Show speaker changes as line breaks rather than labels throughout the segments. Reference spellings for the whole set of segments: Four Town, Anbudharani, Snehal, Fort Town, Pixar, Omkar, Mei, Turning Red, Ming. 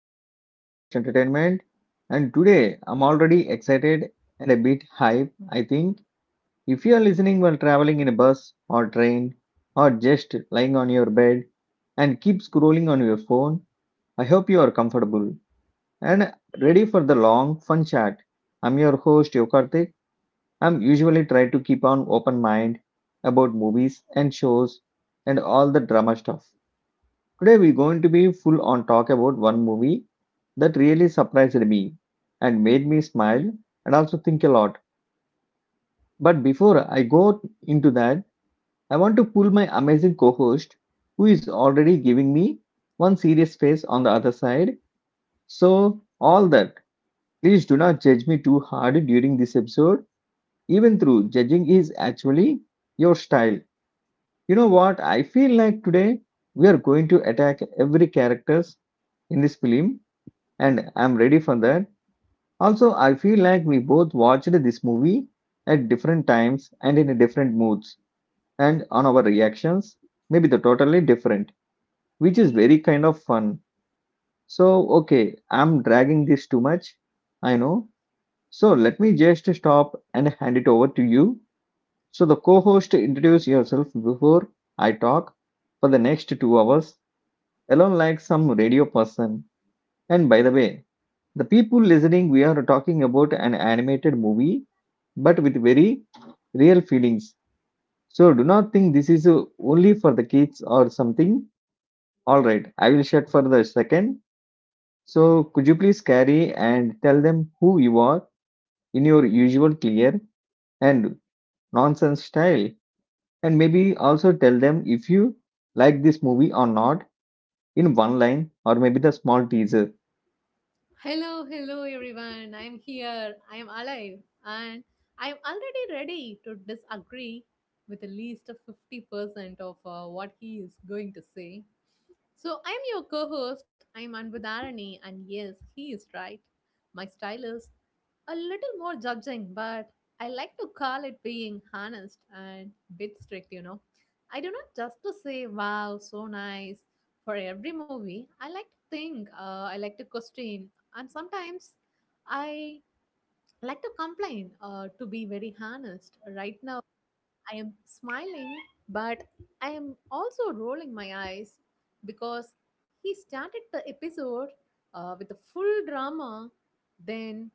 to our podcast Entertainment. And today I'm already excited and a bit hype. I think if you are listening while traveling in a bus or train or just lying on your bed and keep scrolling on your phone, I hope you are comfortable and ready for the long fun chat. I'm your host Yokartik. I'm usually try to keep an open mind about movies and shows and all the drama stuff. Today we're going to be full on talk about one movie that really surprised me and made me smile and also think a lot. But before I go into that, I want to pull my amazing co-host who is already giving me one serious face on the other side. So all that, please do not judge me too hard during this episode. Even through judging is actually your style. You know what? I feel like today we are going to attack every characters in this film and I'm ready for that. Also, I feel like we both watched this movie at different times and in different moods, and on our reactions, maybe they're totally different, which is very kind of fun. So, okay, I'm dragging this too much, I know. So, let me just stop and hand it over to you. So, the co host, introduce yourself before I talk for the next 2 hours, alone like some radio person. And by the way, the people listening, we are talking about an animated movie, but with very real feelings. So do not think this is only for the kids or something. All right, I will shut for the second. So could you please carry and tell them who you are in your usual clear and nonsense style, and maybe also tell them if you like this movie or not in one line or maybe the small teaser.
Hello, hello everyone. I'm here. I'm alive and I'm already ready to disagree with at least a 50% of what he is going to say. So I'm your co-host. I'm Anbudharani, and yes, he is right. My stylist a little more judging, but I like to call it being honest and bit strict, you know. I do not just to say, wow, so nice for every movie. I like to think, I like to question, and sometimes I like to complain, to be very honest. Right now, I am smiling, but I am also rolling my eyes because he started the episode with a full drama, then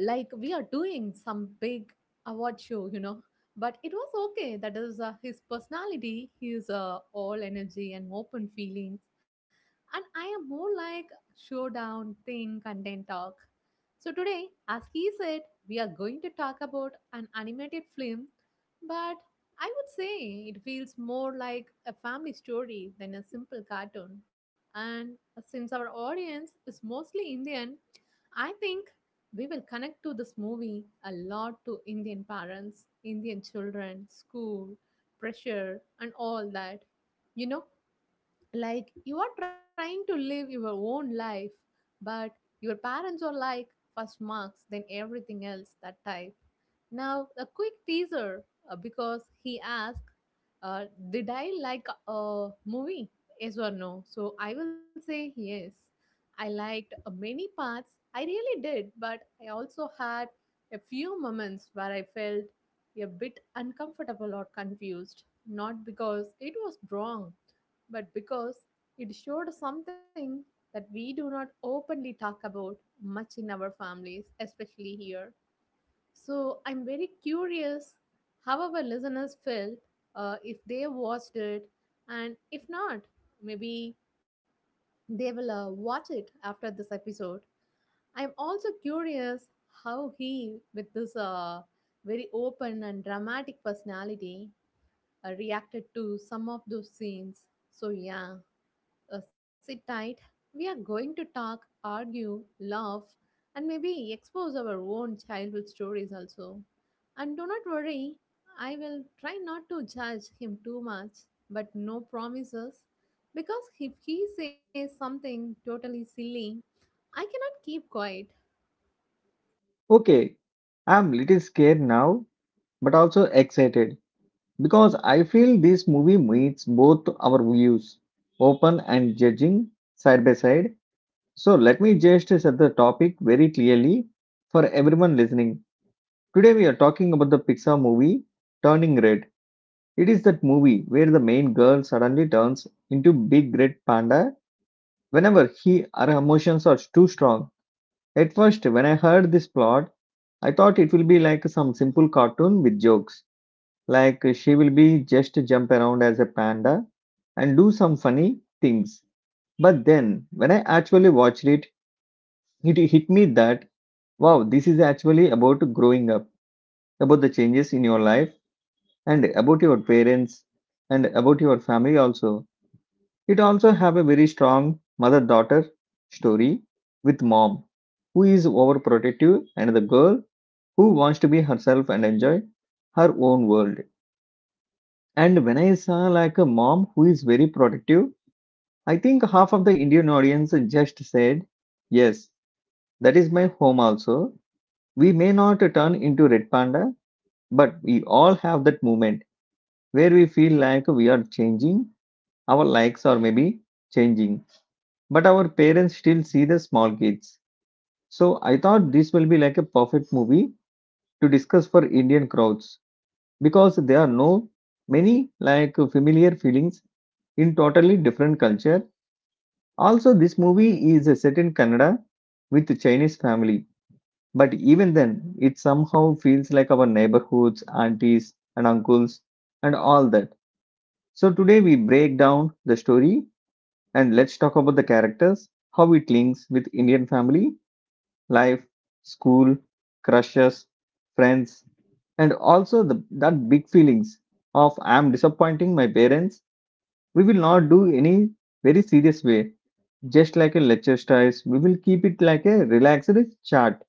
like we are doing some big award show, you know. But it was okay. That is his personality. He is all energy and open feelings, and I am more like showdown, think and then talk. So today, as he said, we are going to talk about an animated film, but I would say it feels more like a family story than a simple cartoon. And since our audience is mostly indian, I think we will connect to this movie a lot, to Indian parents, Indian children, school, pressure, and all that. You know, like you are trying to live your own life, but your parents are like first marks, then everything else, that type. Now, a quick teaser, because he asked, uh, did I like a movie? Yes or no? So I will say yes. I liked many parts. I really did, but I also had a few moments where I felt a bit uncomfortable or confused, not because it was wrong, but because it showed something that we do not openly talk about much in our families, especially here. So I'm very curious how our listeners felt, if they watched it, and if not, maybe they will watch it after this episode. I'm also curious how he, with this very open and dramatic personality, reacted to some of those scenes. So, yeah, sit tight. We are going to talk, argue, laugh, and maybe expose our own childhood stories also. And do not worry, I will try not to judge him too much, but no promises. Because if he says something totally silly, I cannot keep quiet.
Okay, I'm little scared now but also excited because I feel this movie meets both our views, open and judging, side by side. So let me just set the topic very clearly for everyone listening. Today we are talking about the Pixar movie Turning Red. It is that movie where the main girl suddenly turns into big red panda whenever he her emotions are too strong. At first, when I heard this plot, I thought it will be like some simple cartoon with jokes. Like she will be just jump around as a panda and do some funny things. But then when I actually watched it, it hit me that wow, this is actually about growing up, about the changes in your life and about your parents and about your family also. It also have a very strong mother-daughter story with mom who is overprotective and the girl who wants to be herself and enjoy her own world. And when I saw like a mom who is very protective, I think half of the Indian audience just said, yes, that is my home also. We may not turn into Red Panda, but we all have that moment where we feel like we are changing, our likes are maybe changing, but our parents still see the small kids. So I thought this will be like a perfect movie to discuss for Indian crowds because there are no many like familiar feelings in totally different culture. Also, this movie is set in Canada with a Chinese family, but even then, it somehow feels like our neighborhoods, aunties, and uncles, and all that. So, today we break down the story and let's talk about the characters, how it links with Indian family, life, school, crushes, friends, and also the, that big feelings of I'm disappointing my parents. We will not do any very serious way just like a lecture styles, we will keep it like a relaxed chat,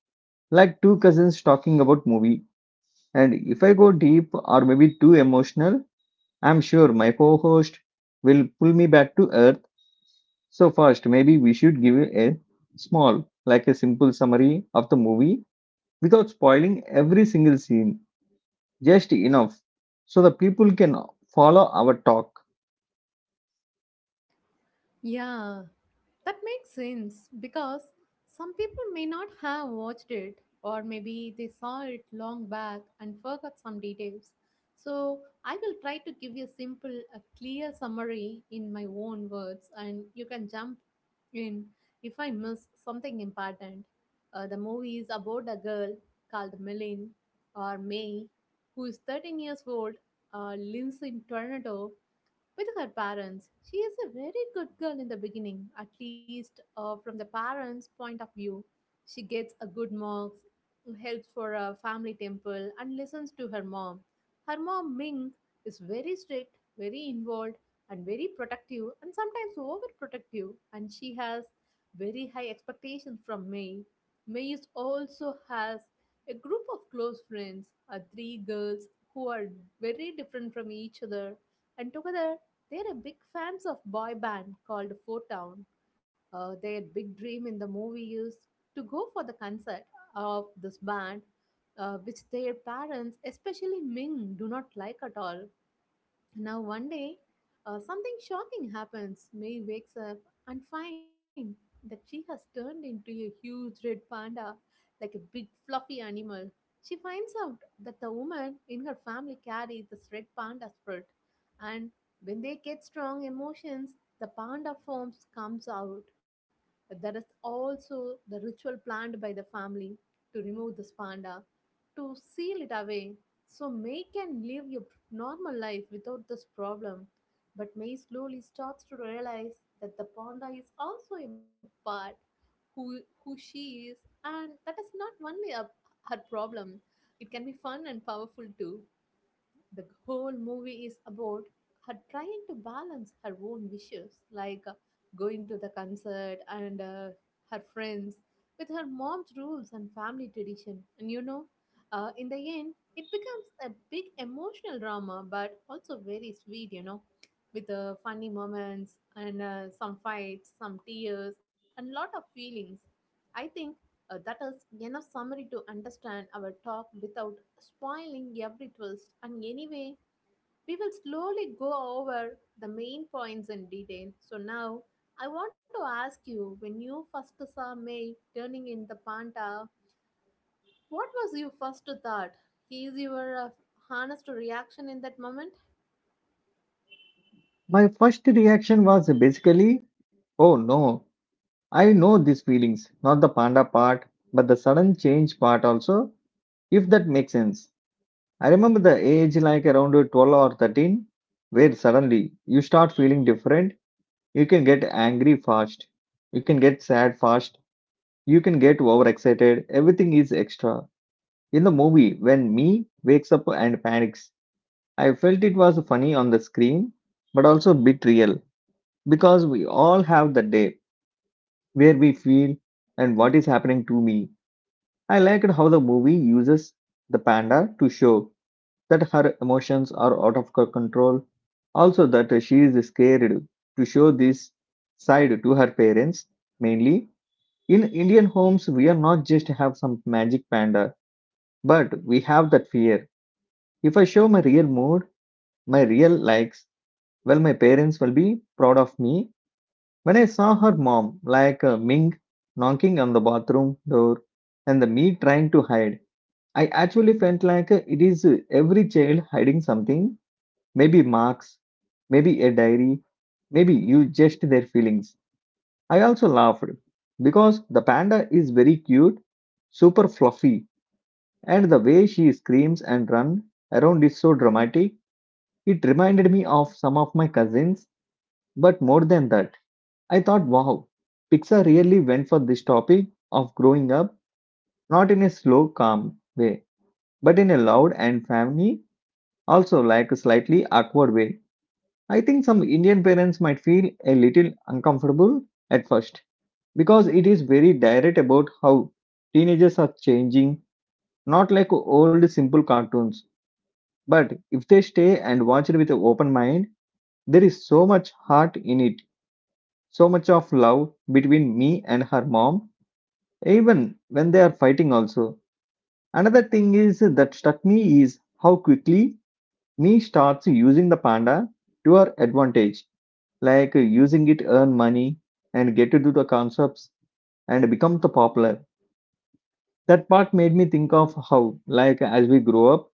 like two cousins talking about movie. And if I go deep or maybe too emotional, I'm sure my co-host will pull me back to earth. So first, maybe we should give a small, like a simple summary of the movie without spoiling every single scene, just enough so the people can follow our talk.
Yeah, that makes sense because some people may not have watched it, or maybe they saw it long back and forgot some details. So I will try to give you a simple, a clear summary in my own words, and you can jump in if I miss something important. The movie is about a girl called Milin or May, who is 13 years old, lives in Tornado with her parents. She is a very good girl in the beginning, at least from the parents' point of view. She gets a good marks, helps for a family temple, and listens to her mom. Her mom, Ming, is very strict, very involved, and very protective, and sometimes overprotective. And she has very high expectations from May. May is also has a group of close friends, three girls who are very different from each other, and together they're a big fans of boy band called Four Town. Their big dream in the movie is to go for the concert of this band, which their parents, especially Ming, do not like at all. Now, one day, something shocking happens. May wakes up and finds that she has turned into a huge red panda, like a big fluffy animal. She finds out that the woman in her family carries this red panda spirit, and when they get strong emotions, the panda forms comes out. There is also the ritual planned by the family to remove this panda, to seal it away, so May can live a normal life without this problem. But May slowly starts to realize that the panda is also a part who she is, and that is not only a, her problem. It can be fun and powerful too. The whole movie is about her trying to balance her own wishes, like going to the concert and her friends, with her mom's rules and family tradition. And you know, in the end, it becomes a big emotional drama, but also very sweet, you know, with funny moments and some fights, some tears, and lot of feelings. I think that is enough summary to understand our talk without spoiling every twist. And anyway, we will slowly go over the main points in detail. So now, I want to ask you, when you first saw May turning in the panta, what was your first thought? Is your honest reaction in that moment?
My first reaction was basically, oh no, I know these feelings, not the panda part, but the sudden change part also, if that makes sense. I remember the age like around 12 or 13, where suddenly you start feeling different. You can get angry fast, you can get sad fast, you can get overexcited, everything is extra. In the movie, when me wakes up and panics, I felt it was funny on the screen, but also a bit real because we all have the day where we feel and what is happening to me. I liked how the movie uses the panda to show that her emotions are out of her control, also that she is scared to show this side to her parents. Mainly in Indian homes, we are not just have some magic panda, but we have that fear. If I show my real mood, my real likes, well, my parents will be proud of me. When I saw her mom, like Ming, knocking on the bathroom door, and the me trying to hide. I actually felt like it is every child hiding something, maybe marks, maybe a diary, maybe you just their feelings. I also laughed because the panda is very cute, super fluffy, and the way she screams and runs around is so dramatic. It reminded me of some of my cousins, but more than that, I thought, wow, Pixar really went for this topic of growing up, not in a slow, calm way, but in a loud and family also like a slightly awkward way. I think some Indian parents might feel a little uncomfortable at first because it is very direct about how teenagers are changing, not like old simple cartoons. But if they stay and watch it with an open mind, there is so much heart in it, so much of love between me and her mom, even when they are fighting also. Another thing is that struck me is how quickly me starts using the panda to her advantage like using it earn money and get to do the concepts and become the popular. That part made me think of how like as we grow up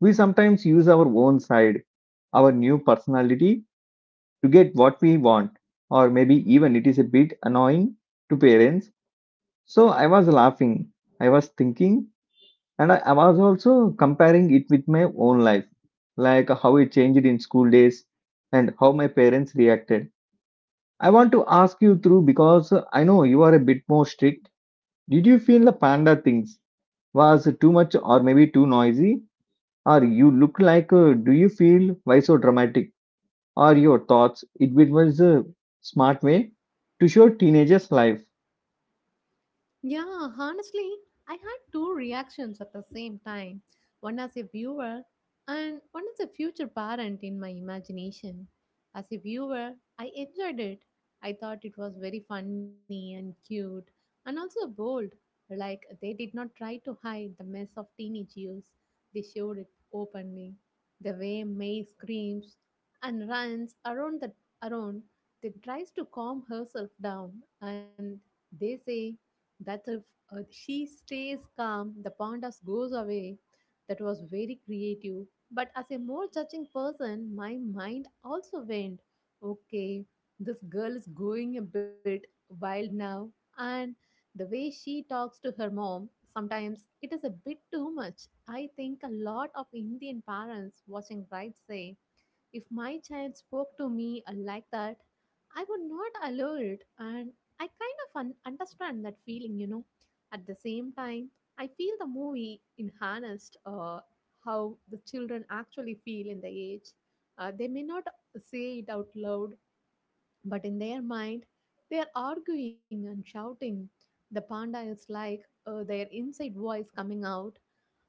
we sometimes use our own side, our new personality to get what we want, or maybe even it is a bit annoying to parents. So I was laughing, I was thinking, and I was also comparing it with my own life, like how it changed in school days and how my parents reacted. I want to ask you through because I know you are a bit more strict. Did you feel the panda things was too much or maybe too noisy? Or you look like, do you feel why so dramatic? Or your thoughts? It was a smart way to show teenagers' life.
Yeah, honestly, I had two reactions at the same time, one as a viewer and one as a future parent in my imagination. As a viewer, I enjoyed it. I thought it was very funny and cute and also bold. Like they did not try to hide the mess of teenage years, they showed it openly. The way May screams and runs around the around, then tries to calm herself down and they say that if she stays calm, the pandas goes away. That was very creative. But as a more judging person, my mind also went, okay, this girl is going a bit wild now. And the way she talks to her mom, sometimes it is a bit too much. I think a lot of Indian parents watching Right say, if my child spoke to me like that, I would not allow it, and I kind of understand that feeling, you know. At the same time, I feel the movie enhanced how the children actually feel in the age. They may not say it out loud, but in their mind, they are arguing and shouting. The panda is like their inside voice coming out,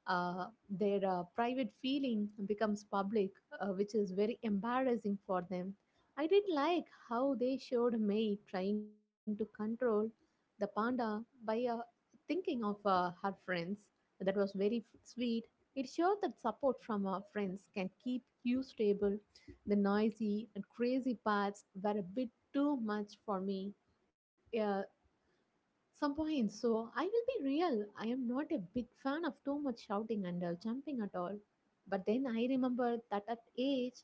their private feeling becomes public, which is very embarrassing for them. I did like how they showed May trying to control the panda by thinking of her friends. That was very sweet. It showed that support from our friends can keep you stable. The noisy and crazy parts were a bit too much for me. Yeah, some points. So I will be real. I am not a big fan of too much shouting and jumping at all. But then I remember that at age,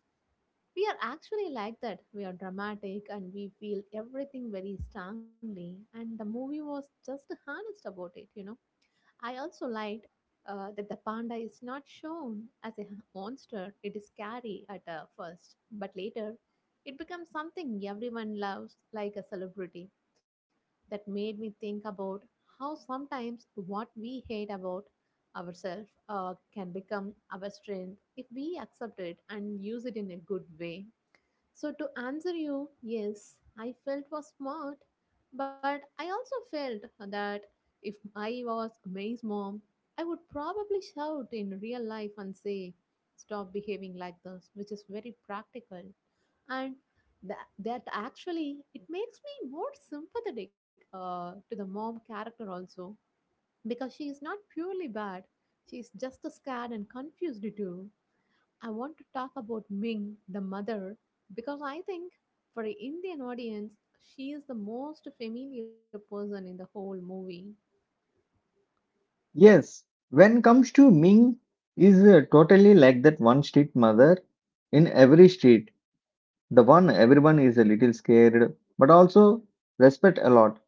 we are actually like that. We are dramatic and we feel everything very strongly. And the movie was just honest about it, you know. I also liked that the panda is not shown as a monster. It is scary at first, but later it becomes something everyone loves, like a celebrity. That made me think about how sometimes what we hate about ourselves can become our strength if we accept it and use it in a good way. So, to answer you, yes, I felt was smart, but I also felt that if I was May's mom, I would probably shout in real life and say, stop behaving like this, which is very practical, and that actually it makes me more sympathetic to the mom character also, because she is not purely bad, she is just as scared and confused too. I want to talk about Ming, the mother, because I think for an indian audience she is the most familiar person in the whole movie.
Yes, when comes to Ming, is totally like that one street mother in every street. The one everyone is a little scared, but also respect a lot.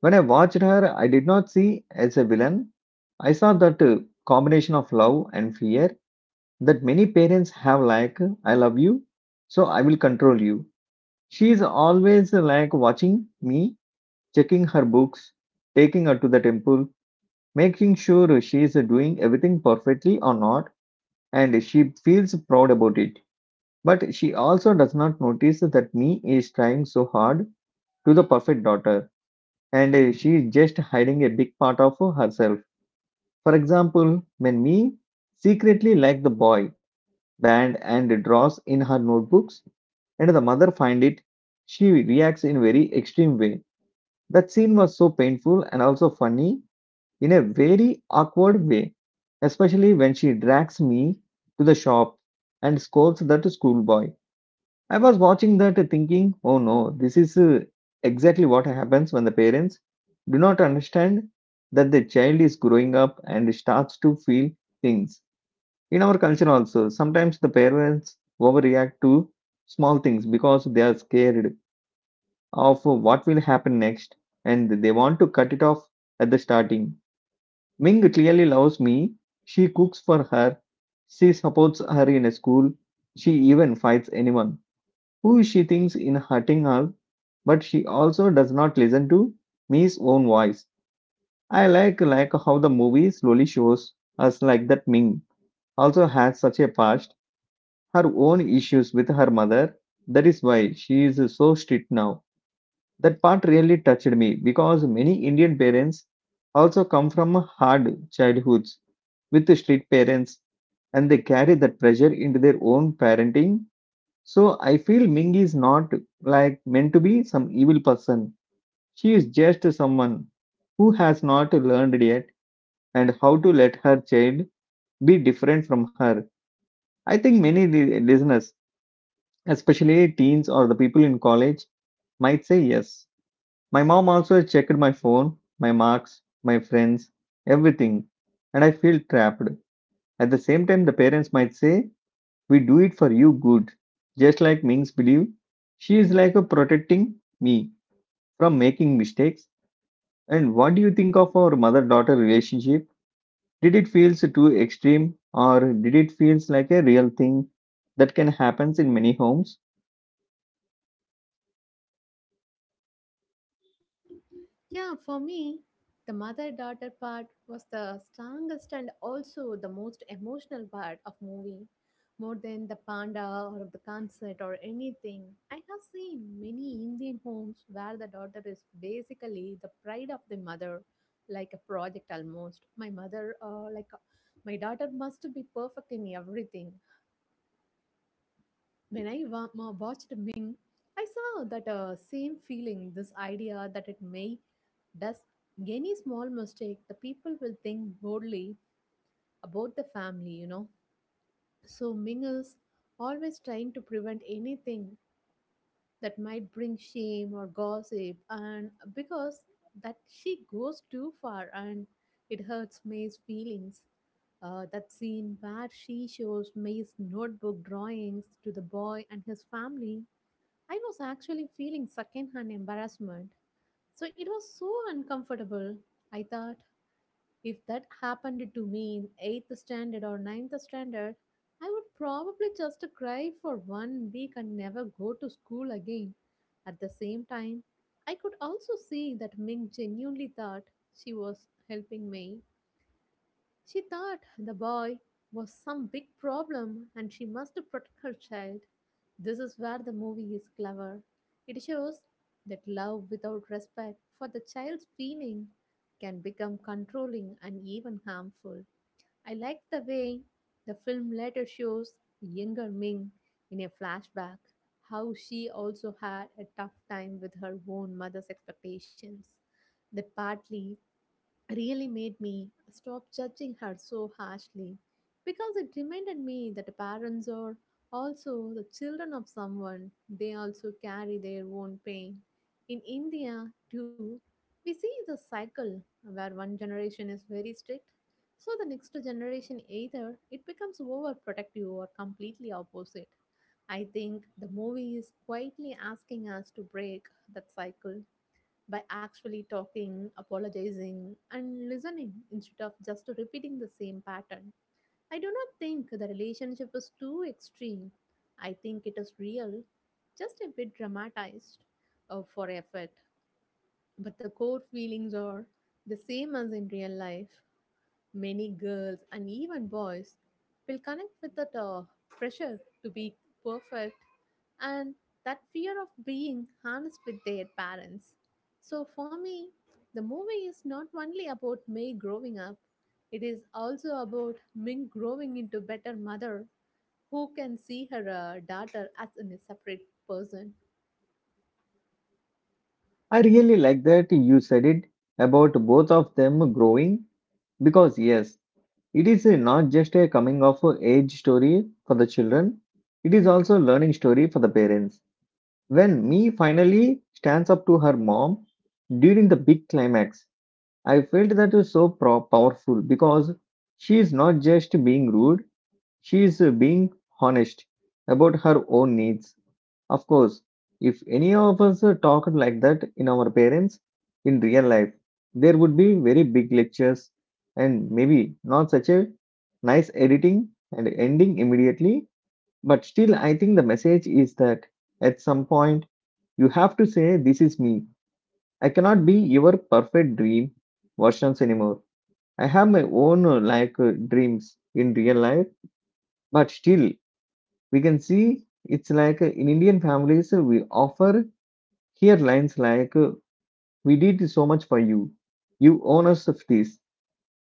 When I watched her, I did not see as a villain. I saw that combination of love and fear that many parents have, like, I love you, so I will control you. She is always like watching me, checking her books, taking her to the temple, making sure she is doing everything perfectly or not, and she feels proud about it. But she also does not notice that me is trying so hard to the perfect daughter, and she is just hiding a big part of herself. For example, when Me secretly like the boy band and draws in her notebooks, and the mother find it, she reacts in very extreme way. That scene was so painful and also funny in a very awkward way, especially when she drags me to the shop and scolds that schoolboy. I was watching that thinking, oh no, this is exactly what happens when the parents do not understand that the child is growing up and starts to feel things. In our culture, also, sometimes the parents overreact to small things because they are scared of what will happen next and they want to cut it off at the starting. Ming clearly loves me. She cooks for her. She supports her in a school. She even fights anyone who she thinks in hurting her, but she also does not listen to Mi's own voice. I like how the movie slowly shows us like that Ming also has such a past, her own issues with her mother. That is why she is so strict now. That part really touched me because many Indian parents also come from hard childhoods with strict parents and they carry that pressure into their own parenting. So I feel Ming is not like meant to be some evil person. She is just someone who has not learned yet and how to let her child be different from her. I think many listeners, especially teens or the people in college, might say yes. My mom also checked my phone, my marks, my friends, everything, and I feel trapped. At the same time, the parents might say, We do it for you good. Just like Ming's belief, she is like a protecting me from making mistakes? And what do you think of our mother daughter relationship? Did it feels too extreme or did it feels like a real thing that can happen in many homes?
Yeah, for me, the mother daughter part was the strongest and also the most emotional part of movie. More than the panda or the concert or anything. I have seen many Indian homes where the daughter is basically the pride of the mother, like a project almost. My mother, like, my daughter must be perfect in everything. When I watched Ming, I saw that same feeling, this idea that it may does any small mistake, the people will think boldly about the family, you know. So Ming is always trying to prevent anything that might bring shame or gossip, and because that she goes too far and it hurts May's feelings. That scene where she shows May's notebook drawings to the boy and his family, I was actually feeling secondhand embarrassment. So it was so uncomfortable. I thought if that happened to me in 8th standard or ninth standard, I would probably just cry for one week and never go to school again. At the same time, I could also see that Ming genuinely thought she was helping me, she thought the boy was some big problem and she must protect her child. This is where the movie is clever. It shows that love without respect for the child's feeling can become controlling and even harmful. I like the way the film later shows younger Ming in a flashback how she also had a tough time with her own mother's expectations. That partly really made me stop judging her so harshly because it reminded me that parents are also the children of someone. They also carry their own pain. In India, too, we see the cycle where one generation is very strict, so the next generation either it becomes overprotective or completely opposite. I think the movie is quietly asking us to break that cycle by actually talking, apologizing, and listening instead of just repeating the same pattern. I do not think the relationship is too extreme. I think it is real, just a bit dramatized for effect. But the core feelings are the same as in real life. Many girls and even boys will connect with that pressure to be perfect and that fear of being honest with their parents. So, for me, the movie is not only about May growing up, it is also about Ming growing into better mother who can see her daughter as in a separate person.
I really like that you said it about both of them growing because yes, it is not just a coming of age story for the children. It is also a learning story for the parents. When me finally stands up to her mom during the big climax, I felt that is so powerful because she is not just being rude, she is being honest about her own needs. Of course, if any of us talked like that in our parents in real life, there would be very big lectures and maybe not such a nice editing and ending immediately. But still, I think the message is that at some point you have to say, This is me. I cannot be your perfect dream versions anymore. I have my own like dreams in real life, but still we can see it's like in Indian families we offer here lines like we did so much for you, you own us of this,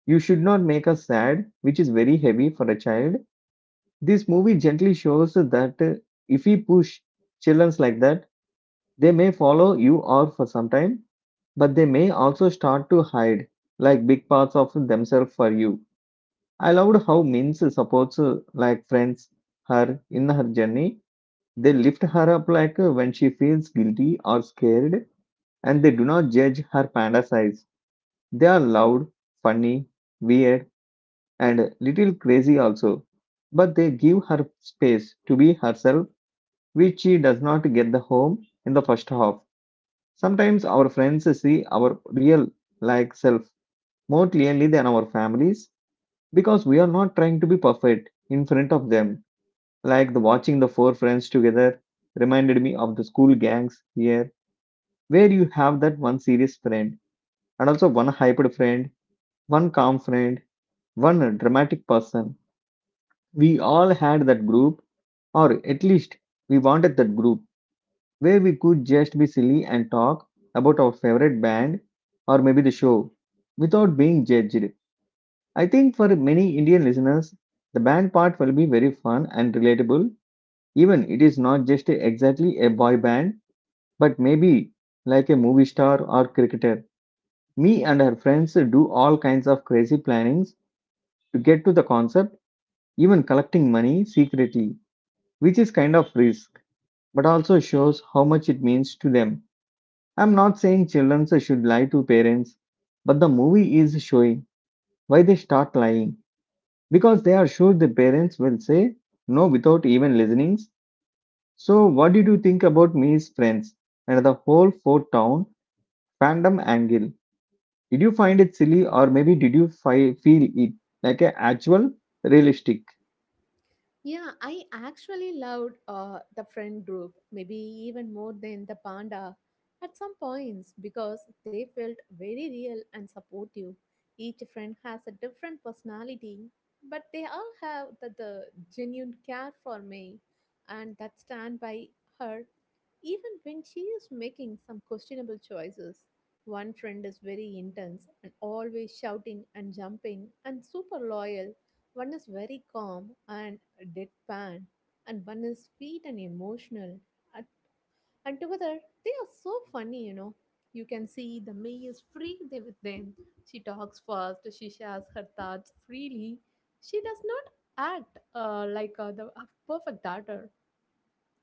you should not make us sad, which is very heavy for a child. This movie gently shows that if we push children like that, they may follow you or for some time, but they may also start to hide like big parts of themselves for you. I loved how Mins supports like friends her in her journey. They lift her up like when she feels guilty or scared, and they do not judge her panda size. They are loud, funny, weird, and little crazy also. But they give her space to be herself, which she does not get the home in the first half. Sometimes our friends see our real like self more clearly than our families because we are not trying to be perfect in front of them. Like the watching the four friends together reminded me of the school gangs here, where you have that one serious friend and also one hyped friend, one calm friend, one dramatic person. We all had that group, or at least we wanted that group where we could just be silly and talk about our favorite band or maybe the show without being judged. I think for many Indian listeners, the band part will be very fun and relatable even it is not just exactly a boy band. But maybe, like a movie star or cricketer, me and her friends do all kinds of crazy plannings to get to the concert, even collecting money secretly, which is kind of risk, but also shows how much it means to them. I'm not saying children should lie to parents, but the movie is showing why they start lying because they are sure the parents will say no without even listening. So, what did you think about me's friends and the whole Fort Town fandom angle? Did you find it silly, or maybe did you feel it like a actual realistic?
Yeah, I actually loved the friend group, maybe even more than the panda at some points because they felt very real and supportive. Each friend has a different personality, but they all have the genuine care for me and that stand by her even when she is making some questionable choices. One friend is very intense and always shouting and jumping and super loyal. One is very calm and deadpan, and one is sweet and emotional. And, and together, they are so funny, you know. You can see the May is free there with them. She talks fast. She shares her thoughts freely. She does not act the a perfect daughter.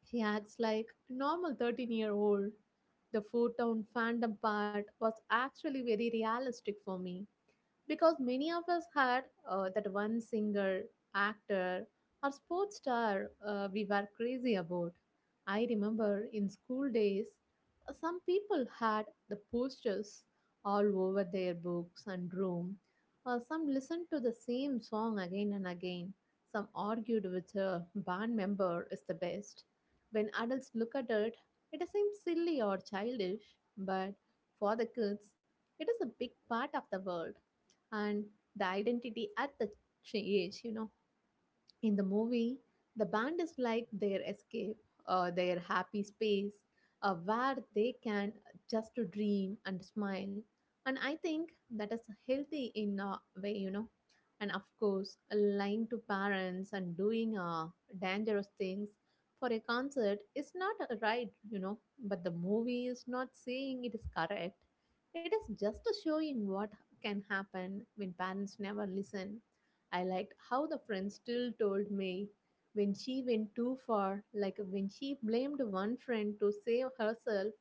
She acts like a normal 13-year-old. The Four Town fandom part was actually very realistic for me because many of us had that one singer, actor, or sports star we were crazy about. I remember in school days, some people had the posters all over their books and room. Some listened to the same song again and again. Some argued which a band member is the best. When adults look at it, it seems silly or childish, but for the kids, it is a big part of the world and the identity at the age, you know. In the movie, the band is like their escape, their happy space, where they can just to dream and smile. And I think that is healthy in a way, you know. And of course, lying to parents and doing dangerous things for a concert is not right, you know. But the movie is not saying it is correct. It is just showing what can happen when parents never listen. I liked how the friend still told me when she went too far, like when she blamed one friend to save herself,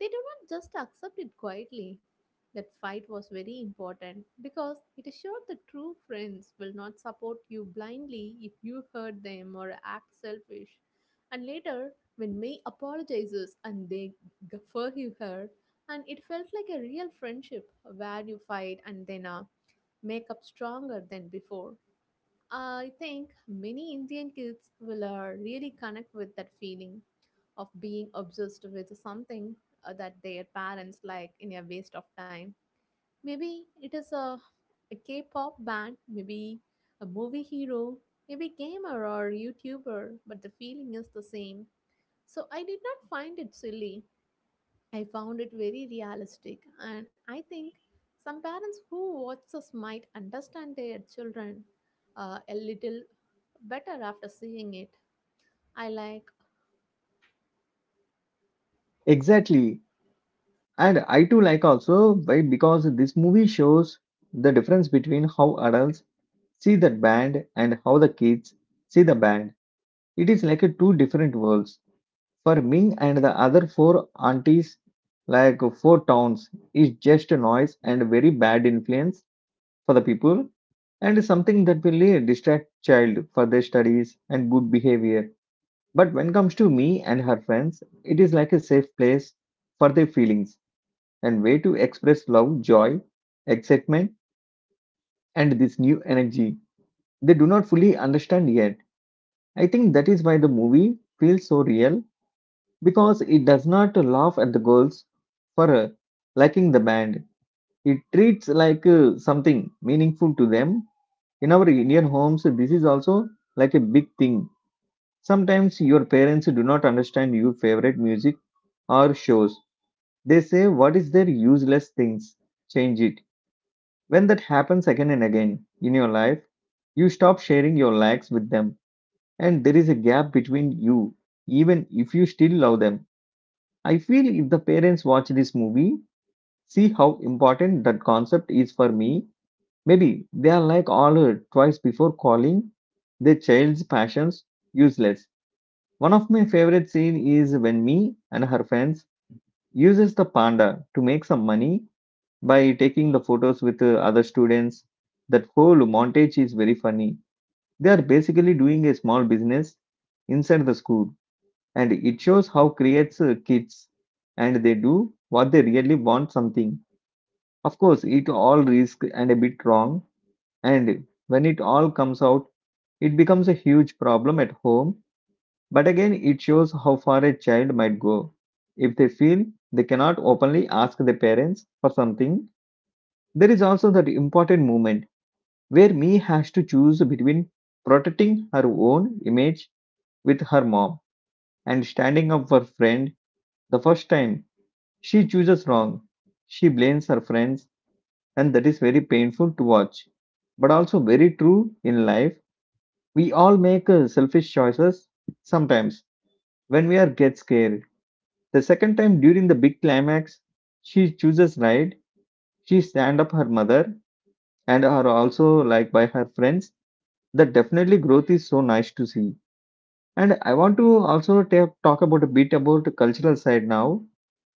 they do not just accept it quietly. That fight was very important because it showed that true friends will not support you blindly if you hurt them or act selfish. And later, when May apologizes and they forgive her, and it felt like a real friendship where you fight and then make up stronger than before. I think many Indian kids will really connect with that feeling of being obsessed with something that their parents like in a waste of time. Maybe it is a K pop band, maybe a movie hero, maybe gamer or YouTuber, but the feeling is the same. So I did not find it silly. I found it very realistic, and I think some parents who watch us might understand their children a little better after seeing it. I like,
Exactly. And I too like also why because this movie shows the difference between how adults see that band and how the kids see the band. It is like a two different worlds. For Ming and the other four aunties, like four towns, is just a noise and very bad influence for the people and something that will distract child for their studies and good behavior. But when comes to me and her friends, it is like a safe place for their feelings and way to express love, joy, excitement, and this new energy they do not fully understand yet. I think that is why the movie feels so real because it does not laugh at the girls for liking the band. It treats like something meaningful to them in our Indian homes, this is also like a big thing. Sometimes your parents do not understand your favorite music or shows. They say, What is their useless things? Change it. When that happens again and again in your life, you stop sharing your likes with them, and there is a gap between you, even if you still love them. I feel if the parents watch this movie, see how important that concept is for me, maybe they are like all or twice before calling their child's passions useless. One of my favorite scenes is when me and her friends uses the panda to make some money by taking the photos with other students. That whole montage is very funny. They are basically doing a small business inside the school and it shows how creates kids and they do what they really want something. Of course, it all risk and a bit wrong and when it all comes out, it becomes a huge problem at home. But again, it shows how far a child might go. If they feel they cannot openly ask their parents for something, there is also that important moment where Me has to choose between protecting her own image with her mom and standing up for friend the first time. She chooses wrong. She blames her friends, and that is very painful to watch. But also very true in life. We all make selfish choices sometimes when we are get scared. The second time during the big climax, she chooses right. She stand up her mother and are also like by her friends. That definitely growth is so nice to see. And I want to also talk about a bit about the cultural side now,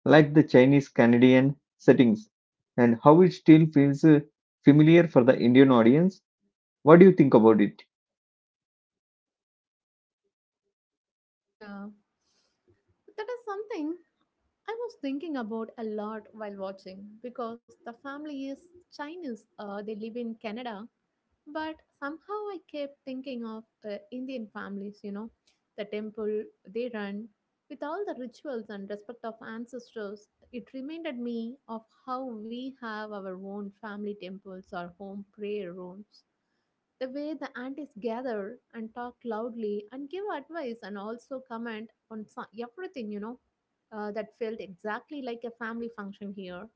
like the Chinese Canadian settings and how it still feels familiar for the Indian audience. What do you think about it?
yeah, that is something I was thinking about a lot while watching because the family is Chinese. They live in Canada, but somehow I kept thinking of Indian families, you know. The temple they run with all the rituals and respect of ancestors, it reminded me of how we have our own family temples or home prayer rooms. The way the aunties gather and talk loudly and give advice and also comment on everything, you know, that felt exactly like a family function here.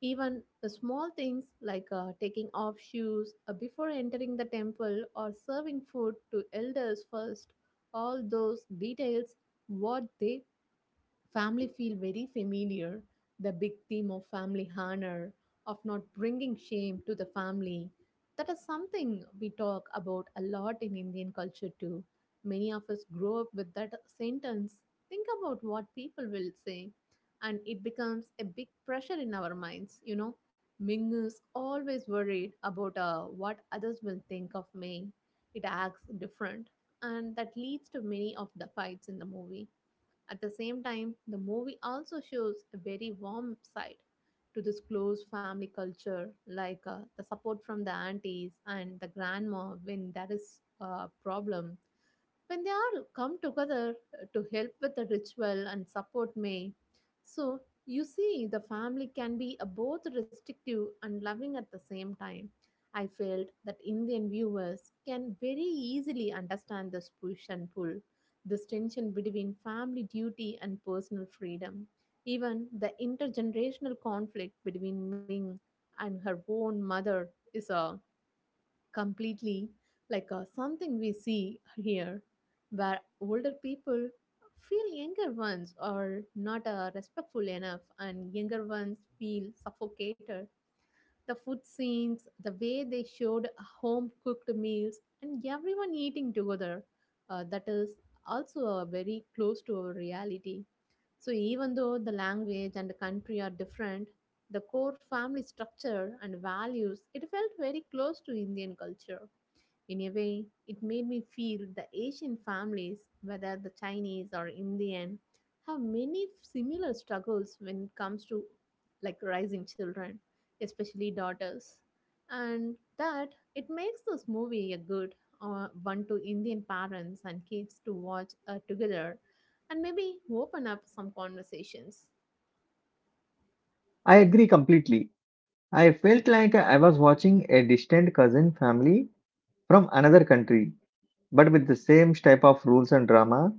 Even the small things like taking off shoes before entering the temple or serving food to elders first, all those details, what they family feel very familiar. The big theme of family honor, of not bringing shame to the family, that is something we talk about a lot in Indian culture too. Many of us grow up with that sentence. Think about what people will say, and it becomes a big pressure in our minds. You know, Ming is always worried about what others will think of me. It acts different, and that leads to many of the fights in the movie. At the same time, the movie also shows a very warm side to this close family culture, like the support from the aunties and the grandma when there is a problem, when they all come together to help with the ritual and support May. So you see, the family can be a both restrictive and loving at the same time. I felt that Indian viewers can very easily understand this push and pull, this tension between family duty and personal freedom. Even the intergenerational conflict between Ming and her own mother is a completely something we see here, where older people feel younger ones are not respectful enough and younger ones feel suffocated. The food scenes, the way they showed home cooked meals, and everyone eating together, that is also very close to our reality. So, even though the language and the country are different, the core family structure and values, it felt very close to Indian culture. In a way, it made me feel the Asian families, whether the Chinese or Indian, have many similar struggles when it comes to like raising children, especially daughters. And that it makes this movie a good one to Indian parents and kids to watch together and maybe open up some conversations.
I agree completely. I felt like I was watching a distant cousin family from another country, but with the same type of rules and drama,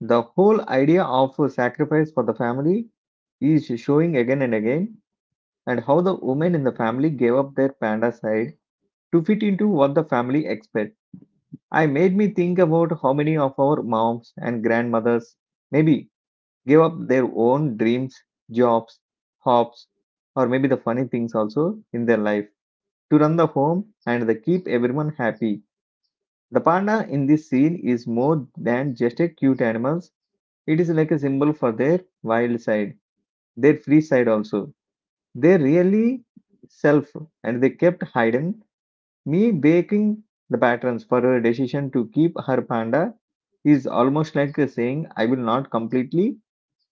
the whole idea of sacrifice for the family is showing again and again, and how the women in the family gave up their panda side to fit into what the family expect. I made me think about how many of our moms and grandmothers maybe gave up their own dreams, jobs, hobbies, or maybe the funny things also in their life to run the home and they keep everyone happy. The panda in this scene is more than just a cute animal. It is like a symbol for their wild side, their free side also. They really self and they kept hidden. Me baking the patterns for her decision to keep her panda is almost like saying I will not completely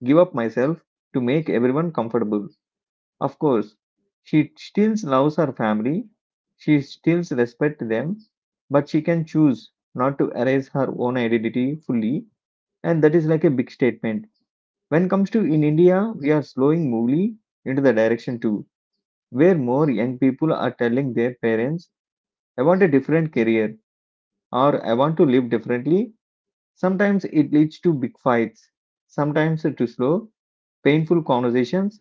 give up myself to make everyone comfortable. Of course, she still loves her family, she still respects them, but she can choose not to erase her own identity fully, and that is like a big statement. When comes to in India, we are slowing moving into the direction too, where more young people are telling their parents, I want a different career or I want to live differently. Sometimes it leads to big fights, sometimes to slow, painful conversations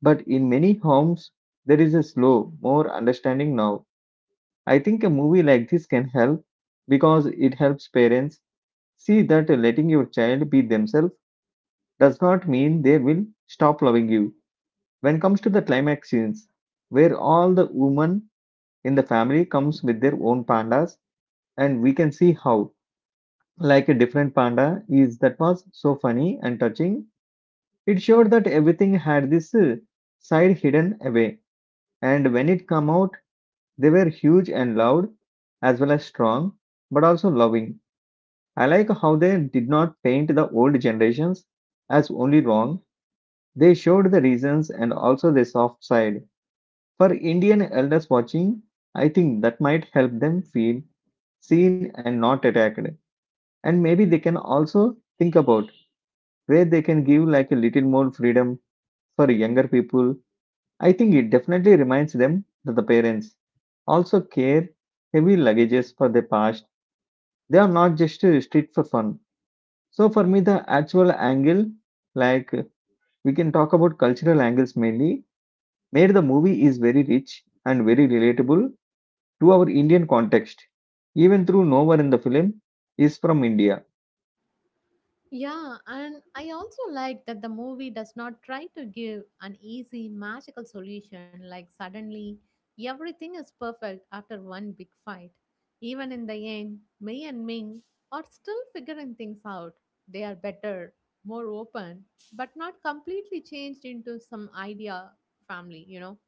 But in many homes, there is a slow, more understanding now. I think a movie like this can help because it helps parents see that letting your child be themselves does not mean they will stop loving you. When it comes to the climax scenes, where all the women in the family comes with their own pandas, and we can see how like a different panda is that was so funny and touching. It showed that everything had this side hidden away, and when it come out. They were huge and loud, as well as strong, but also loving. I like how they did not paint the old generations as only wrong. They showed the reasons and also the soft side. For Indian elders watching, I think that might help them feel seen and not attacked. And maybe they can also think about where they can give like a little more freedom for younger people. I think it definitely reminds them that the parents also care heavy luggages for their past. They are not just strict for fun. So for me, the actual angle, like we can talk about cultural angles mainly, made the movie is very rich and very relatable to our Indian context. Even through no one in the film is from India.
Yeah, and I also like that the movie does not try to give an easy, magical solution like suddenly everything is perfect after one big fight. Even in the end, Mei and Ming are still figuring things out. They are better, more open, but not completely changed into some idea family, you know.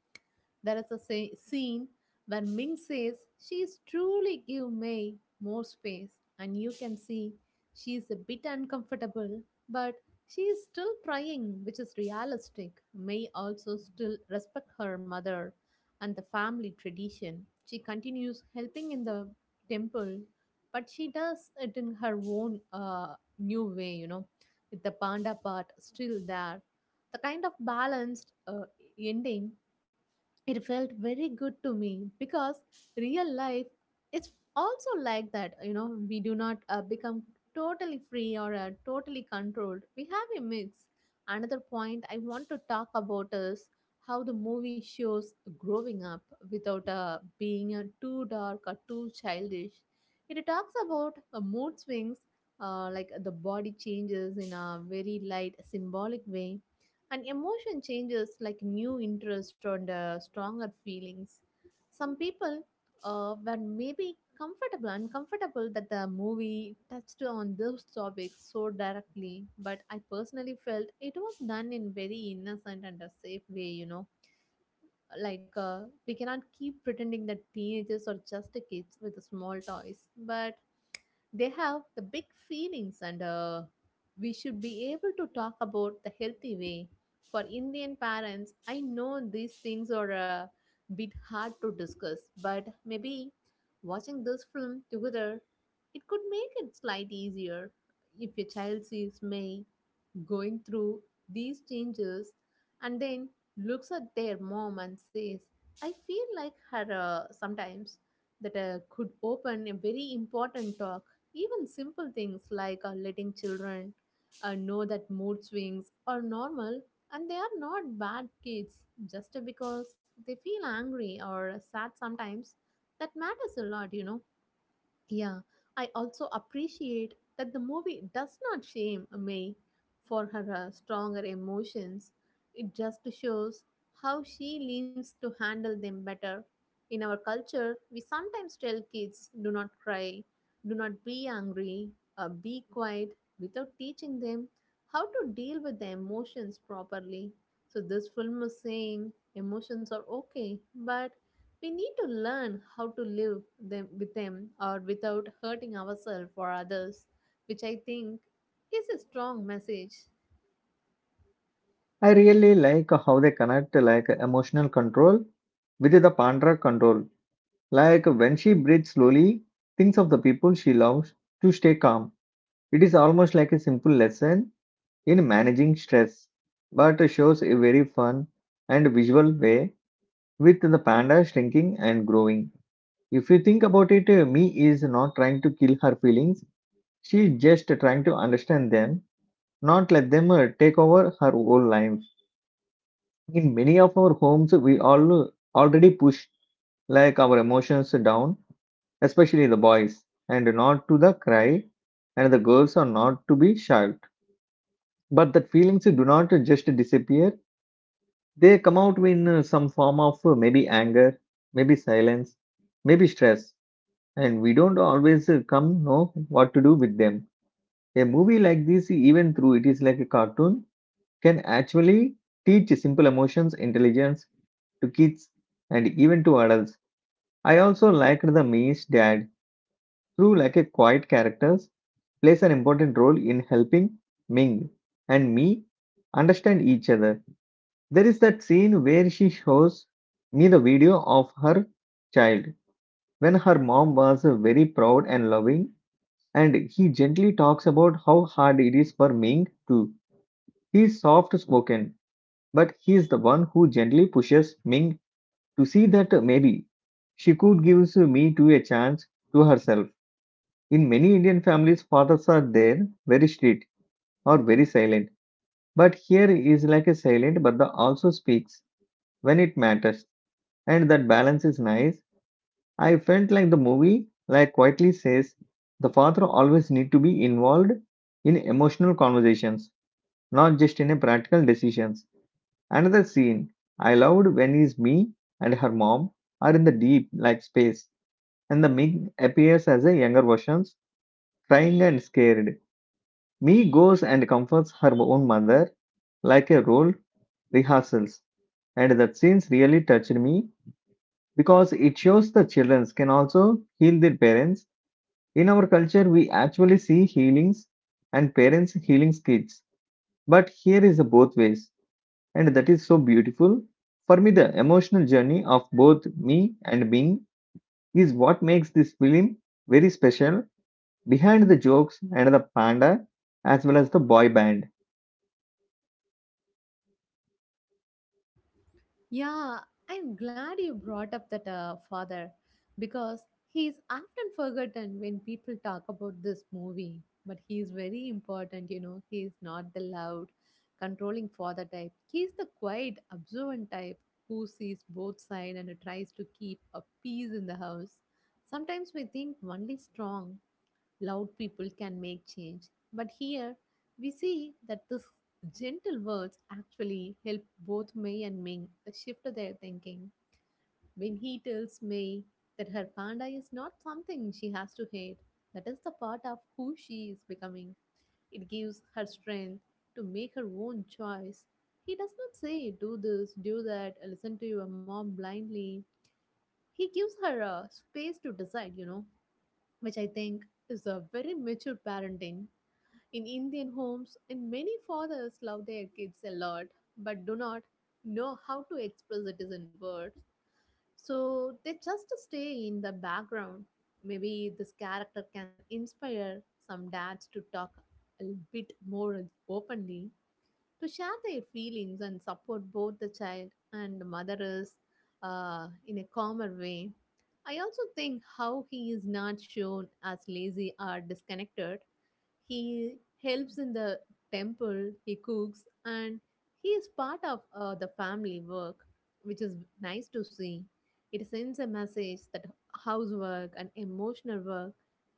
There is a scene where Ming says she's truly give May more space, and you can see she's a bit uncomfortable, but she is still trying, which is realistic. May also still respect her mother and the family tradition. She continues helping in the temple, but she does it in her own new way, you know, with the panda part still there. The kind of balanced ending, it felt very good to me because real life is also like that, you know. We do not become totally free or totally controlled. We have a mix. Another point I want to talk about is how the movie shows growing up without being too dark or too childish. It talks about mood swings, like the body changes in a very light symbolic way, and emotion changes like new interest or the stronger feelings. Some people were maybe comfortable uncomfortable that the movie touched on those topics so directly, but I personally felt it was done in very innocent and a safe way, you know. Like we cannot keep pretending that teenagers are just kids with small toys, but they have the big feelings and we should be able to talk about the healthy way. For Indian parents, I know these things are a bit hard to discuss, but maybe watching this film together, it could make it slight easier. If your child sees me going through these changes and then looks at their mom and says, "I feel like her sometimes," that could open a very important talk. Even simple things like letting children know that mood swings are normal and they are not bad kids just because they feel angry or sad sometimes. That matters a lot, you know. Yeah, I also appreciate that the movie does not shame May for her stronger emotions. It just shows how she leans to handle them better. In our culture, we sometimes tell kids do not cry, do not be angry, be quiet without teaching them how to deal with the emotions properly. So, this film is saying emotions are okay, but we need to learn how to live them, with them or without hurting ourselves or others, which I think is a strong message.
I really like how they connect like emotional control with the Pandra control. Like when she breathes slowly, thinks of the people she loves to stay calm. It is almost like a simple lesson in managing stress, but shows a very fun and visual way with the panda shrinking and growing. If you think about it, Me is not trying to kill her feelings, she is just trying to understand them, not let them take over her whole life. In many of our homes, we all already push like our emotions down, especially the boys, and not to the cry, and the girls are not to be shout. But the feelings do not just disappear. They come out in some form of maybe anger, maybe silence, maybe stress, and we don't always come know what to do with them. A movie like this, even though it is like a cartoon, can actually teach simple emotions, intelligence, to kids and even to adults. I also liked the Ming's dad, through like a quiet characters, plays an important role in helping Ming and me understand each other. There is that scene where she shows me the video of her child when her mom was very proud and loving, and he gently talks about how hard it is for Ming to. He's soft spoken, but he's the one who gently pushes Ming to see that maybe she could give me to a chance to herself. In many Indian families, fathers are there, very strict or very silent, but here is like a silent but the also speaks when it matters, and that balance is nice. I felt like the movie like quietly says the father always need to be involved in emotional conversations, not just in a practical decisions. Another scene I loved when is me and her mom are in the deep like space and the Mig appears as a younger versions crying and scared. Me goes and comforts her own mother like a role rehearsals, and that scenes really touched me because it shows the children can also heal their parents. In our culture, we actually see healings and parents healing kids, but here is a both ways, and that is so beautiful. For me, the emotional journey of both me and Bing is what makes this film very special. Behind the jokes and the panda, as well as the boy band.
Yeah, I'm glad you brought up that father because he is often forgotten when people talk about this movie. But he is very important, you know. He is not the loud, controlling father type. He is the quiet, observant type who sees both sides and tries to keep a peace in the house. Sometimes we think only strong, loud people can make change, but here we see that these gentle words actually help both May and Ming shift their thinking. When he tells May that her panda is not something she has to hate, that is the part of who she is becoming. It gives her strength to make her own choice. He does not say, do this, do that, listen to your mom blindly. He gives her a space to decide, you know, which I think is a very mature parenting in Indian homes, and many fathers love their kids a lot but do not know how to express it is in words. So they just stay in the background. Maybe this character can inspire some dads to talk a bit more openly, to share their feelings and support both the child and the mother's in a calmer way. I also think how he is not shown as lazy or disconnected, he helps in the temple, he cooks, and he is part of the family work, which is nice to see. It sends a message that housework and emotional work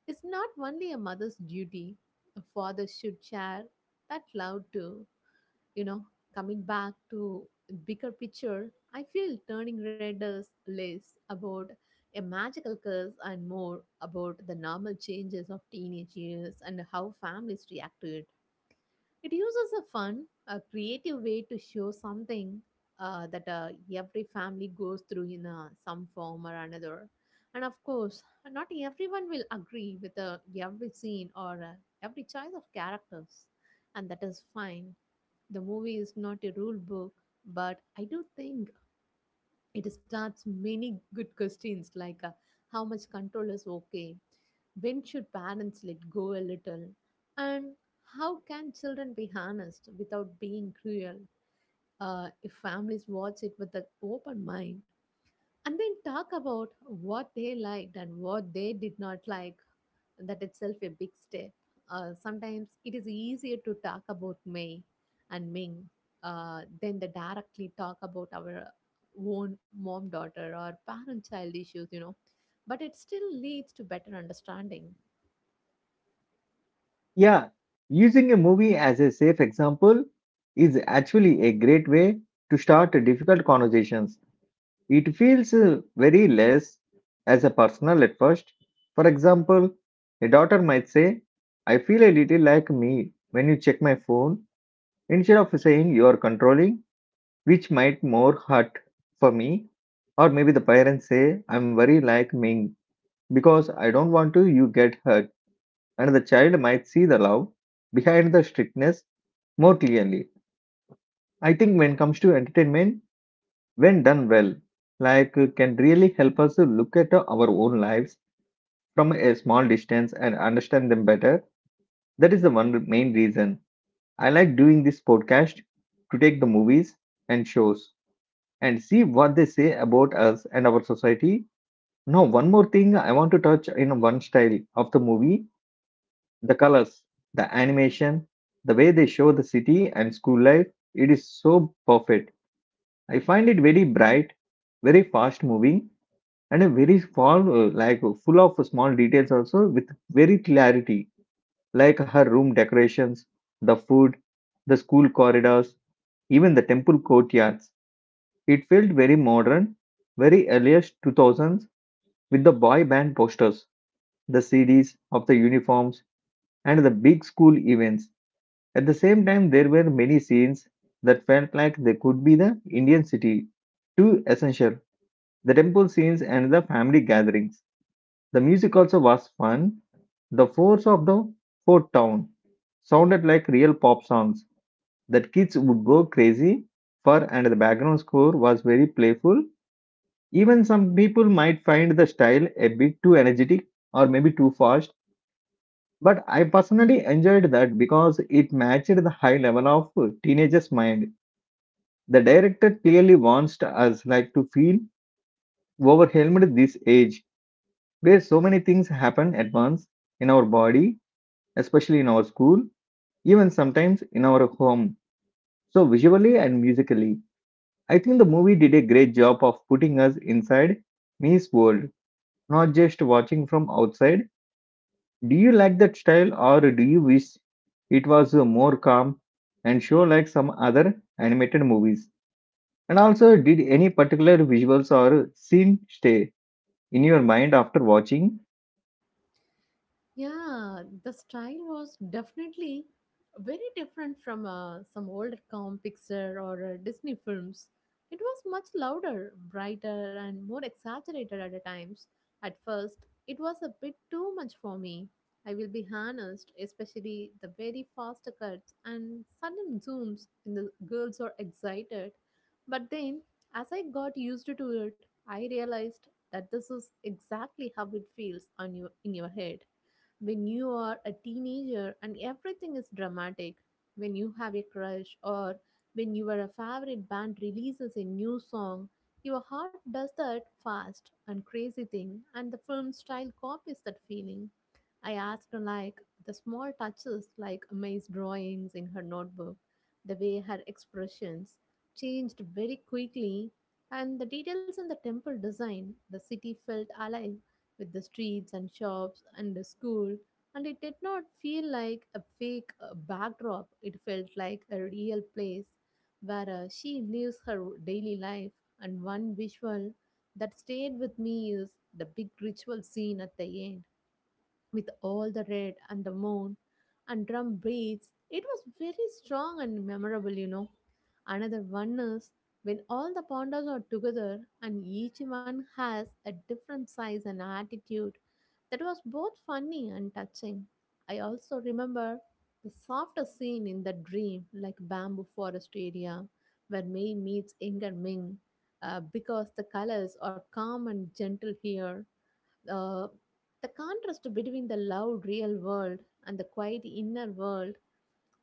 is not only a mother's duty, a father should share that love too, you know. Coming back to bigger picture, I feel turning red is less about a magical curse and more about the normal changes of teenage years and how families react to it. It uses a fun, a creative way to show something that every family goes through in some form or another. And of course, not everyone will agree with every scene or every choice of characters, and that is fine. The movie is not a rule book, but I do think it starts many good questions, like how much control is okay, when should parents let go a little, and how can children be harnessed without being cruel. If families watch it with an open mind and then talk about what they liked and what they did not like, that itself a big step. Sometimes it is easier to talk about May and Ming than the directly talk about our own mom daughter or parent child issues, you know. But it still leads to better understanding.
Yeah, using a movie as a safe example is actually a great way to start difficult conversations. It feels very less as a personal at first. For example, a daughter might say, I feel a little like me when you check my phone, instead of saying you are controlling, which might more hurt for me. Or maybe the parents say, I'm very like me because I don't want to you get hurt. And the child might see the love behind the strictness more clearly. I think when it comes to entertainment, when done well, like can really help us to look at our own lives from a small distance and understand them better. That is the one main reason I like doing this podcast, to take the movies and shows and see what they say about us and our society. Now, one more thing I want to touch in one style of the movie, the colors, the animation, the way they show the city and school life. It is so perfect. I find it very bright, very fast moving, and a very small like full of small details also with very clarity, like her room decorations, the food, the school corridors, even the temple courtyards. It felt very modern, very earliest 2000s, with the boy band posters, the cds of the uniforms, and the big school events. At the same time there were many scenes that felt like they could be the indian city two essential, the temple scenes and the family gatherings. The music also was fun. The force of the Fort Town sounded like real pop songs that kids would go crazy for, and the background score was very playful. Even some people might find the style a bit too energetic or maybe too fast, but I personally enjoyed that because it matched the high level of teenagers' mind. The director clearly wants us like to feel overwhelmed this age where so many things happen at once in our body, especially in our school, even sometimes in our home. So, visually and musically, I think the movie did a great job of putting us inside Mi's world, not just watching from outside. Do you like that style or do you wish it was more calm and show like some other animated movies? And also, did any particular visuals or scene stay in your mind after watching?
Yeah, the style was definitely very different from some old comic picture or Disney films. It was much louder, brighter, and more exaggerated at times. At first, it was a bit too much for me. I will be honest, especially the very fast cuts and sudden zooms, and the girls are excited. But then, as I got used to it, I realized that this is exactly how it feels on your in your head when you are a teenager and everything is dramatic, when you have a crush, or when your favorite band releases a new song, your heart does that fast and crazy thing, and the film style copies that feeling. I asked her like the small touches, like May's drawings in her notebook, the way her expressions changed very quickly, and the details in the temple design. The city felt alive with the streets and shops and the school, and it did not feel like a fake backdrop. It felt like a real place where she lives her daily life. And one visual that stayed with me is the big ritual scene at the end with all the red and the moon and drum beats. It was very strong and memorable, you know. Another one is when all the pandas are together and each one has a different size and attitude. That was both funny and touching. I also remember the softer scene in the dream, like bamboo forest area, where Mei meets Inger Ming, because the colors are calm and gentle here. uh, the contrast between the loud real world and the quiet inner world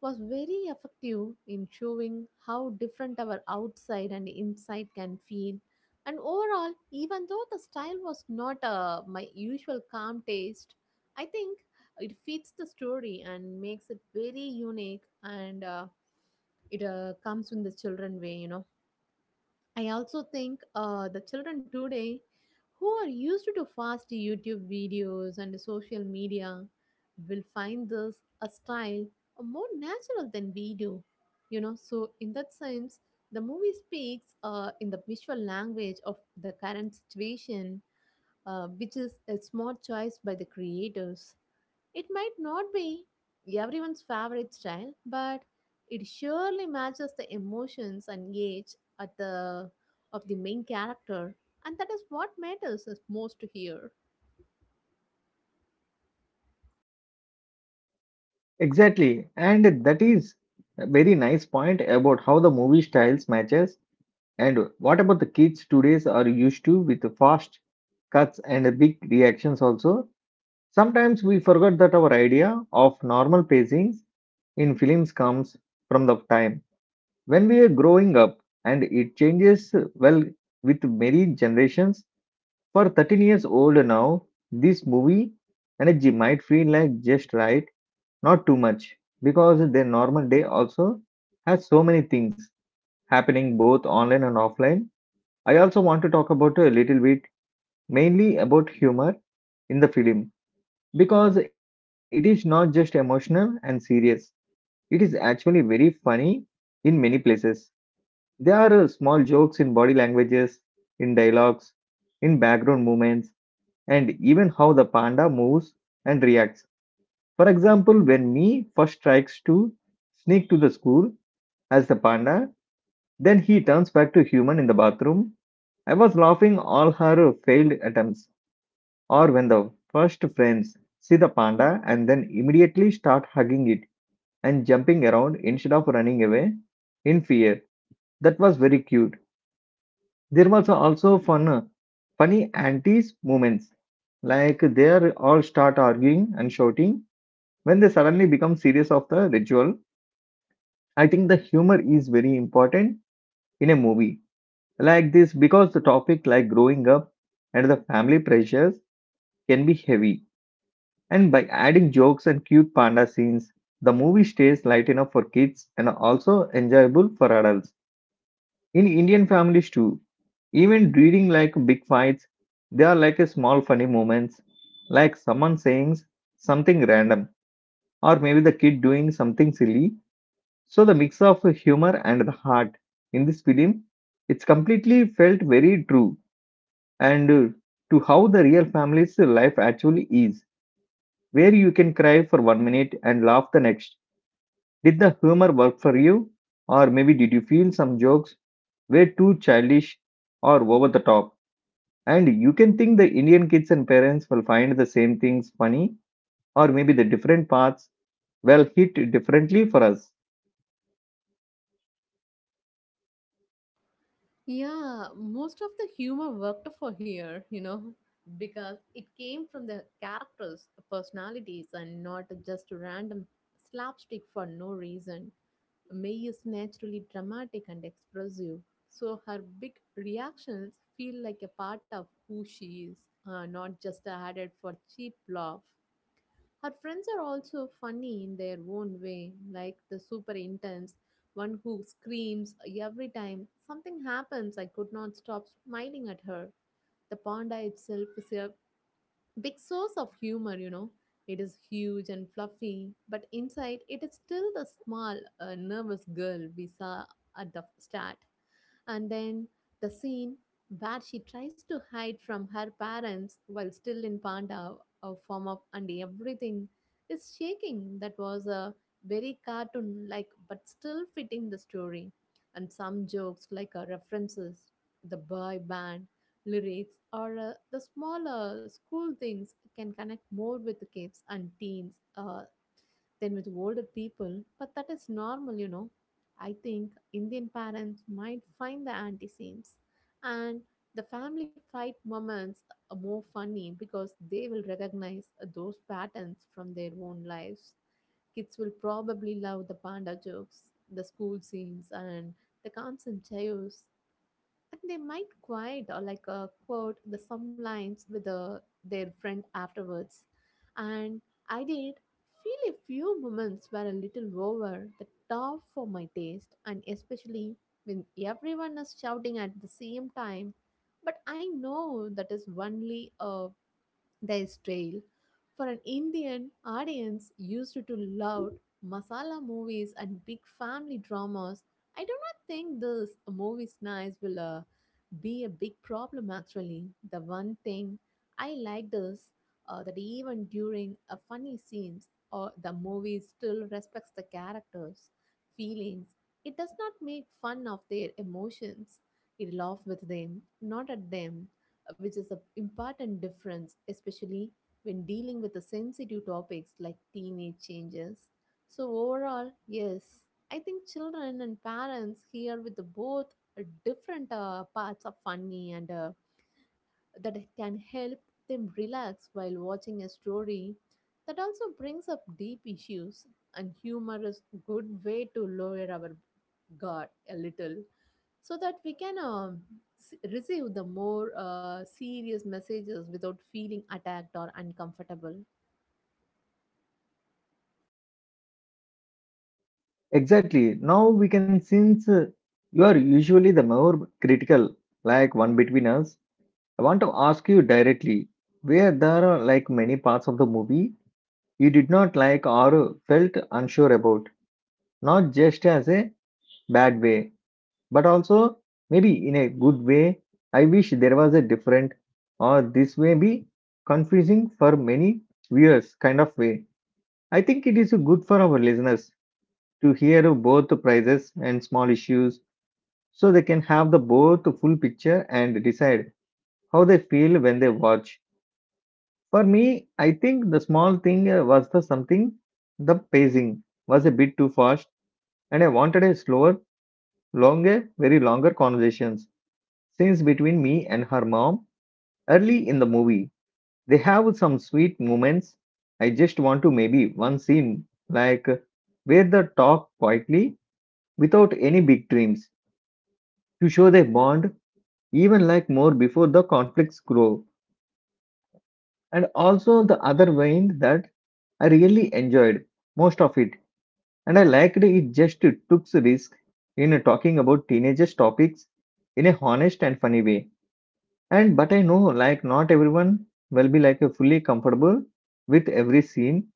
was very effective in showing how different our outside and inside can feel. And overall, even though the style was not my usual calm taste, I think it fits the story and makes it very unique and it comes in the children way, you know. I also think the children today who are used to fast YouTube videos and social media will find this a style more natural than we do. You know, so in that sense, the movie speaks in the visual language of the current situation, which is a smart choice by the creators. It might not be everyone's favorite style, but it surely matches the emotions and age at the of the main character, and that is what matters us most here.
Exactly, and that is a very nice point about how the movie styles matches. And what about the kids today's are used to with the fast cuts and the big reactions also? Sometimes we forget that our idea of normal pacings in films comes from the time when we are growing up, and it changes well with many generations. For 13 years old now, this movie energy might feel like just right, not too much, because their normal day also has so many things happening both online and offline. I also want to talk about a little bit mainly about humor in the film because it is not just emotional and serious. It is actually very funny in many places. There are small jokes in body languages, in dialogues, in background movements, and even how the panda moves and reacts. For example, when Me first tries to sneak to the school as the panda, then he turns back to human in the bathroom. I was laughing all her failed attempts. Or when the first friends see the panda and then immediately start hugging it and jumping around instead of running away in fear. That was very cute. There was also fun, funny antis moments. Like they are all start arguing and shouting when they suddenly become serious of the ritual. I think the humor is very important in a movie like this, because the topic like growing up and the family pressures can be heavy. And by adding jokes and cute panda scenes, the movie stays light enough for kids and also enjoyable for adults. In Indian families too, even during like big fights, they are like a small funny moments, like someone saying something random or maybe the kid doing something silly. So the mix of humor and the heart in this film, it's completely felt very true and to how the real family's life actually is, where you can cry for 1 minute and laugh the next. Did the humor work for you? Or maybe did you feel some jokes were too childish or over the top? And you can think the Indian kids and parents will find the same things funny, or maybe the different parts will hit differently for us.
Yeah, most of the humor worked for here, you know, because it came from the characters' personalities and not just random slapstick for no reason. May is naturally dramatic and expressive, so her big reactions feel like a part of who she is, not just added for cheap laugh. Her friends are also funny in their own way, like the super intense one who screams every time something happens. I could not stop smiling at her. The panda itself is a big source of humor, you know. It is huge and fluffy, but inside it is still the small, nervous girl we saw at the start. And then the scene where she tries to hide from her parents while still in panda a form of and everything is shaking. That was a very cartoon like but still fitting the story. And some jokes like references, the boy band, lyrics or the smaller school things can connect more with the kids and teens than with older people, but that is normal, you know. I think Indian parents might find the anti scenes and the family fight moments are more funny because they will recognize those patterns from their own lives. Kids will probably love the panda jokes, the school scenes, and the constant chaos, and they might quite quote the some lines with their friend afterwards. And I did feel a few moments were a little over the top for my taste, and especially when everyone is shouting at the same time, but I know that is only there's trail. For an Indian audience used to loud masala movies and big family dramas, I do not think this movie's nice will be a big problem actually. The one thing I liked is that even during a funny scenes, or the movie still respects the characters' feelings. It does not make fun of their emotions. It laughs with them, not at them, which is an important difference, especially when dealing with the sensitive topics like teenage changes. So, overall, yes, I think children and parents here with the both different parts of funny and that can help them relax while watching a story that also brings up deep issues, and humor is a good way to lower our guard a little so that we can receive the more serious messages without feeling attacked or uncomfortable.
Exactly. Now we can, since you are usually the more critical, like one between us, I want to ask you directly where there are like many parts of the movie you did not like or felt unsure about, not just as a bad way but also maybe in a good way. I wish there was a different or this may be confusing for many viewers kind of way. I think it is good for our listeners to hear both the prices and small issues, so they can have the both full picture and decide how they feel when they watch. For me, I think the small thing was the something, the pacing was a bit too fast, and I wanted a slower, longer, very longer conversations scenes between me and her mom early in the movie. They have some sweet moments. I just want to maybe one scene like where they talk quietly without any big dreams to show their bond, even like more before the conflicts grow. And also the other vein that I really enjoyed most of it, and I liked it just took risk in talking about teenagers topics in a honest and funny way. And but I know like not everyone will be like a fully comfortable with every scene,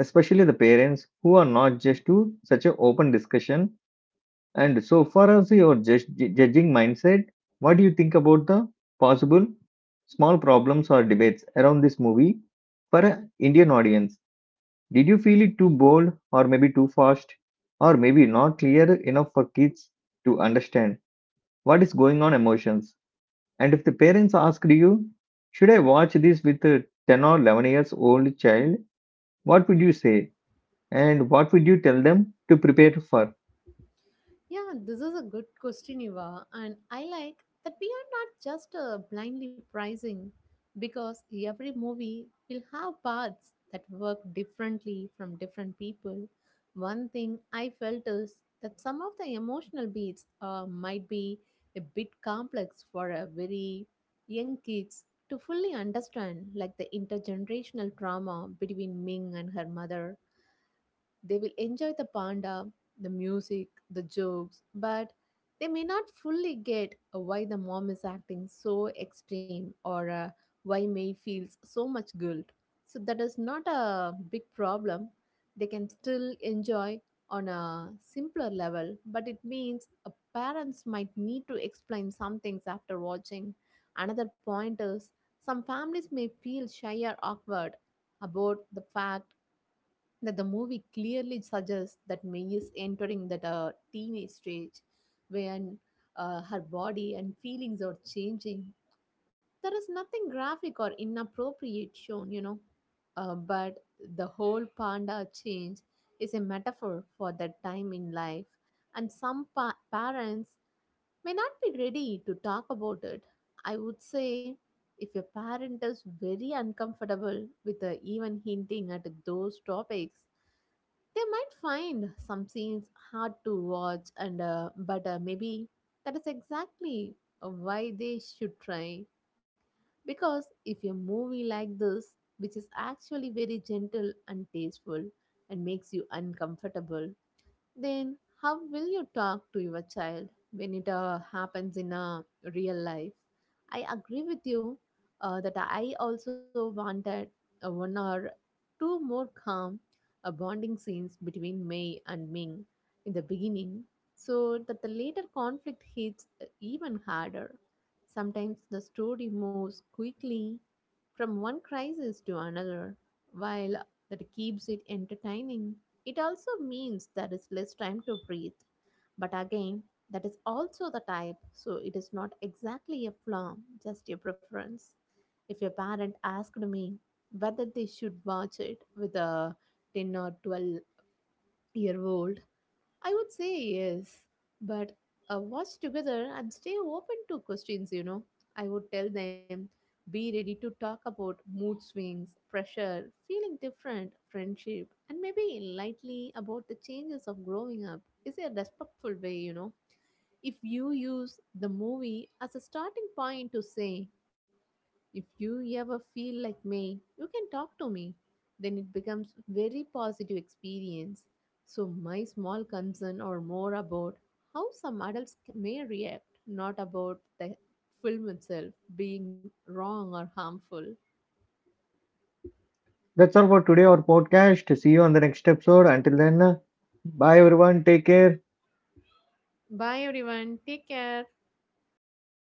especially the parents who are not just to such an open discussion. And so far as your judging mindset, what do you think about the possible small problems or debates around this movie for an Indian audience? Did you feel it too bold or maybe too fast or maybe not clear enough for kids to understand what is going on emotions? And if the parents asked you, should I watch this with a 10 or 11 years old child? What would you say? And what would you tell them to prepare for?
Yeah, this is a good question, Eva. And I like that we are not just blindly pricing, because every movie will have parts that work differently from different people. One thing I felt is that some of the emotional beats might be a bit complex for a very young kids to fully understand, like the intergenerational trauma between Ming and her mother. They will enjoy the panda, the music, the jokes, but they may not fully get why the mom is acting so extreme or why May feels so much guilt. So that is not a big problem. They can still enjoy on a simpler level, but it means a parents might need to explain some things after watching. Another point is some families may feel shy or awkward about the fact that the movie clearly suggests that May is entering that teenage stage when her body and feelings are changing. There is nothing graphic or inappropriate shown, you know, but the whole panda change is a metaphor for that time in life, and some parents may not be ready to talk about it. I would say if a parent is very uncomfortable with even hinting at those topics, they might find some scenes hard to watch, and but maybe that is exactly why they should try, because if a movie like this, which is actually very gentle and tasteful, and makes you uncomfortable, then how will you talk to your child when it happens in real life. I agree with you that I also wanted a 1 hour two more calm bonding scenes between Mei and Ming in the beginning, so that the later conflict hits even harder. Sometimes the story moves quickly from one crisis to another, while that keeps it entertaining. It also means there is less time to breathe. But again, that is also the type, so it is not exactly a flaw, just your preference. If your parent asked me whether they should watch it with a 10 or 12-year old, I would say yes, but watch together and stay open to questions, you know. I would tell them be ready to talk about mood swings, pressure, feeling different, friendship, and maybe lightly about the changes of growing up is a respectful way, you know. If you use the movie as a starting point to say, if you ever feel like me, you can talk to me. Then it becomes very positive experience. So my small concern are more about how some adults may react, not about the film itself being wrong or harmful.
That's all for today, our podcast. See you on the next episode. Until then, bye everyone. Take care.
Bye everyone. Take care.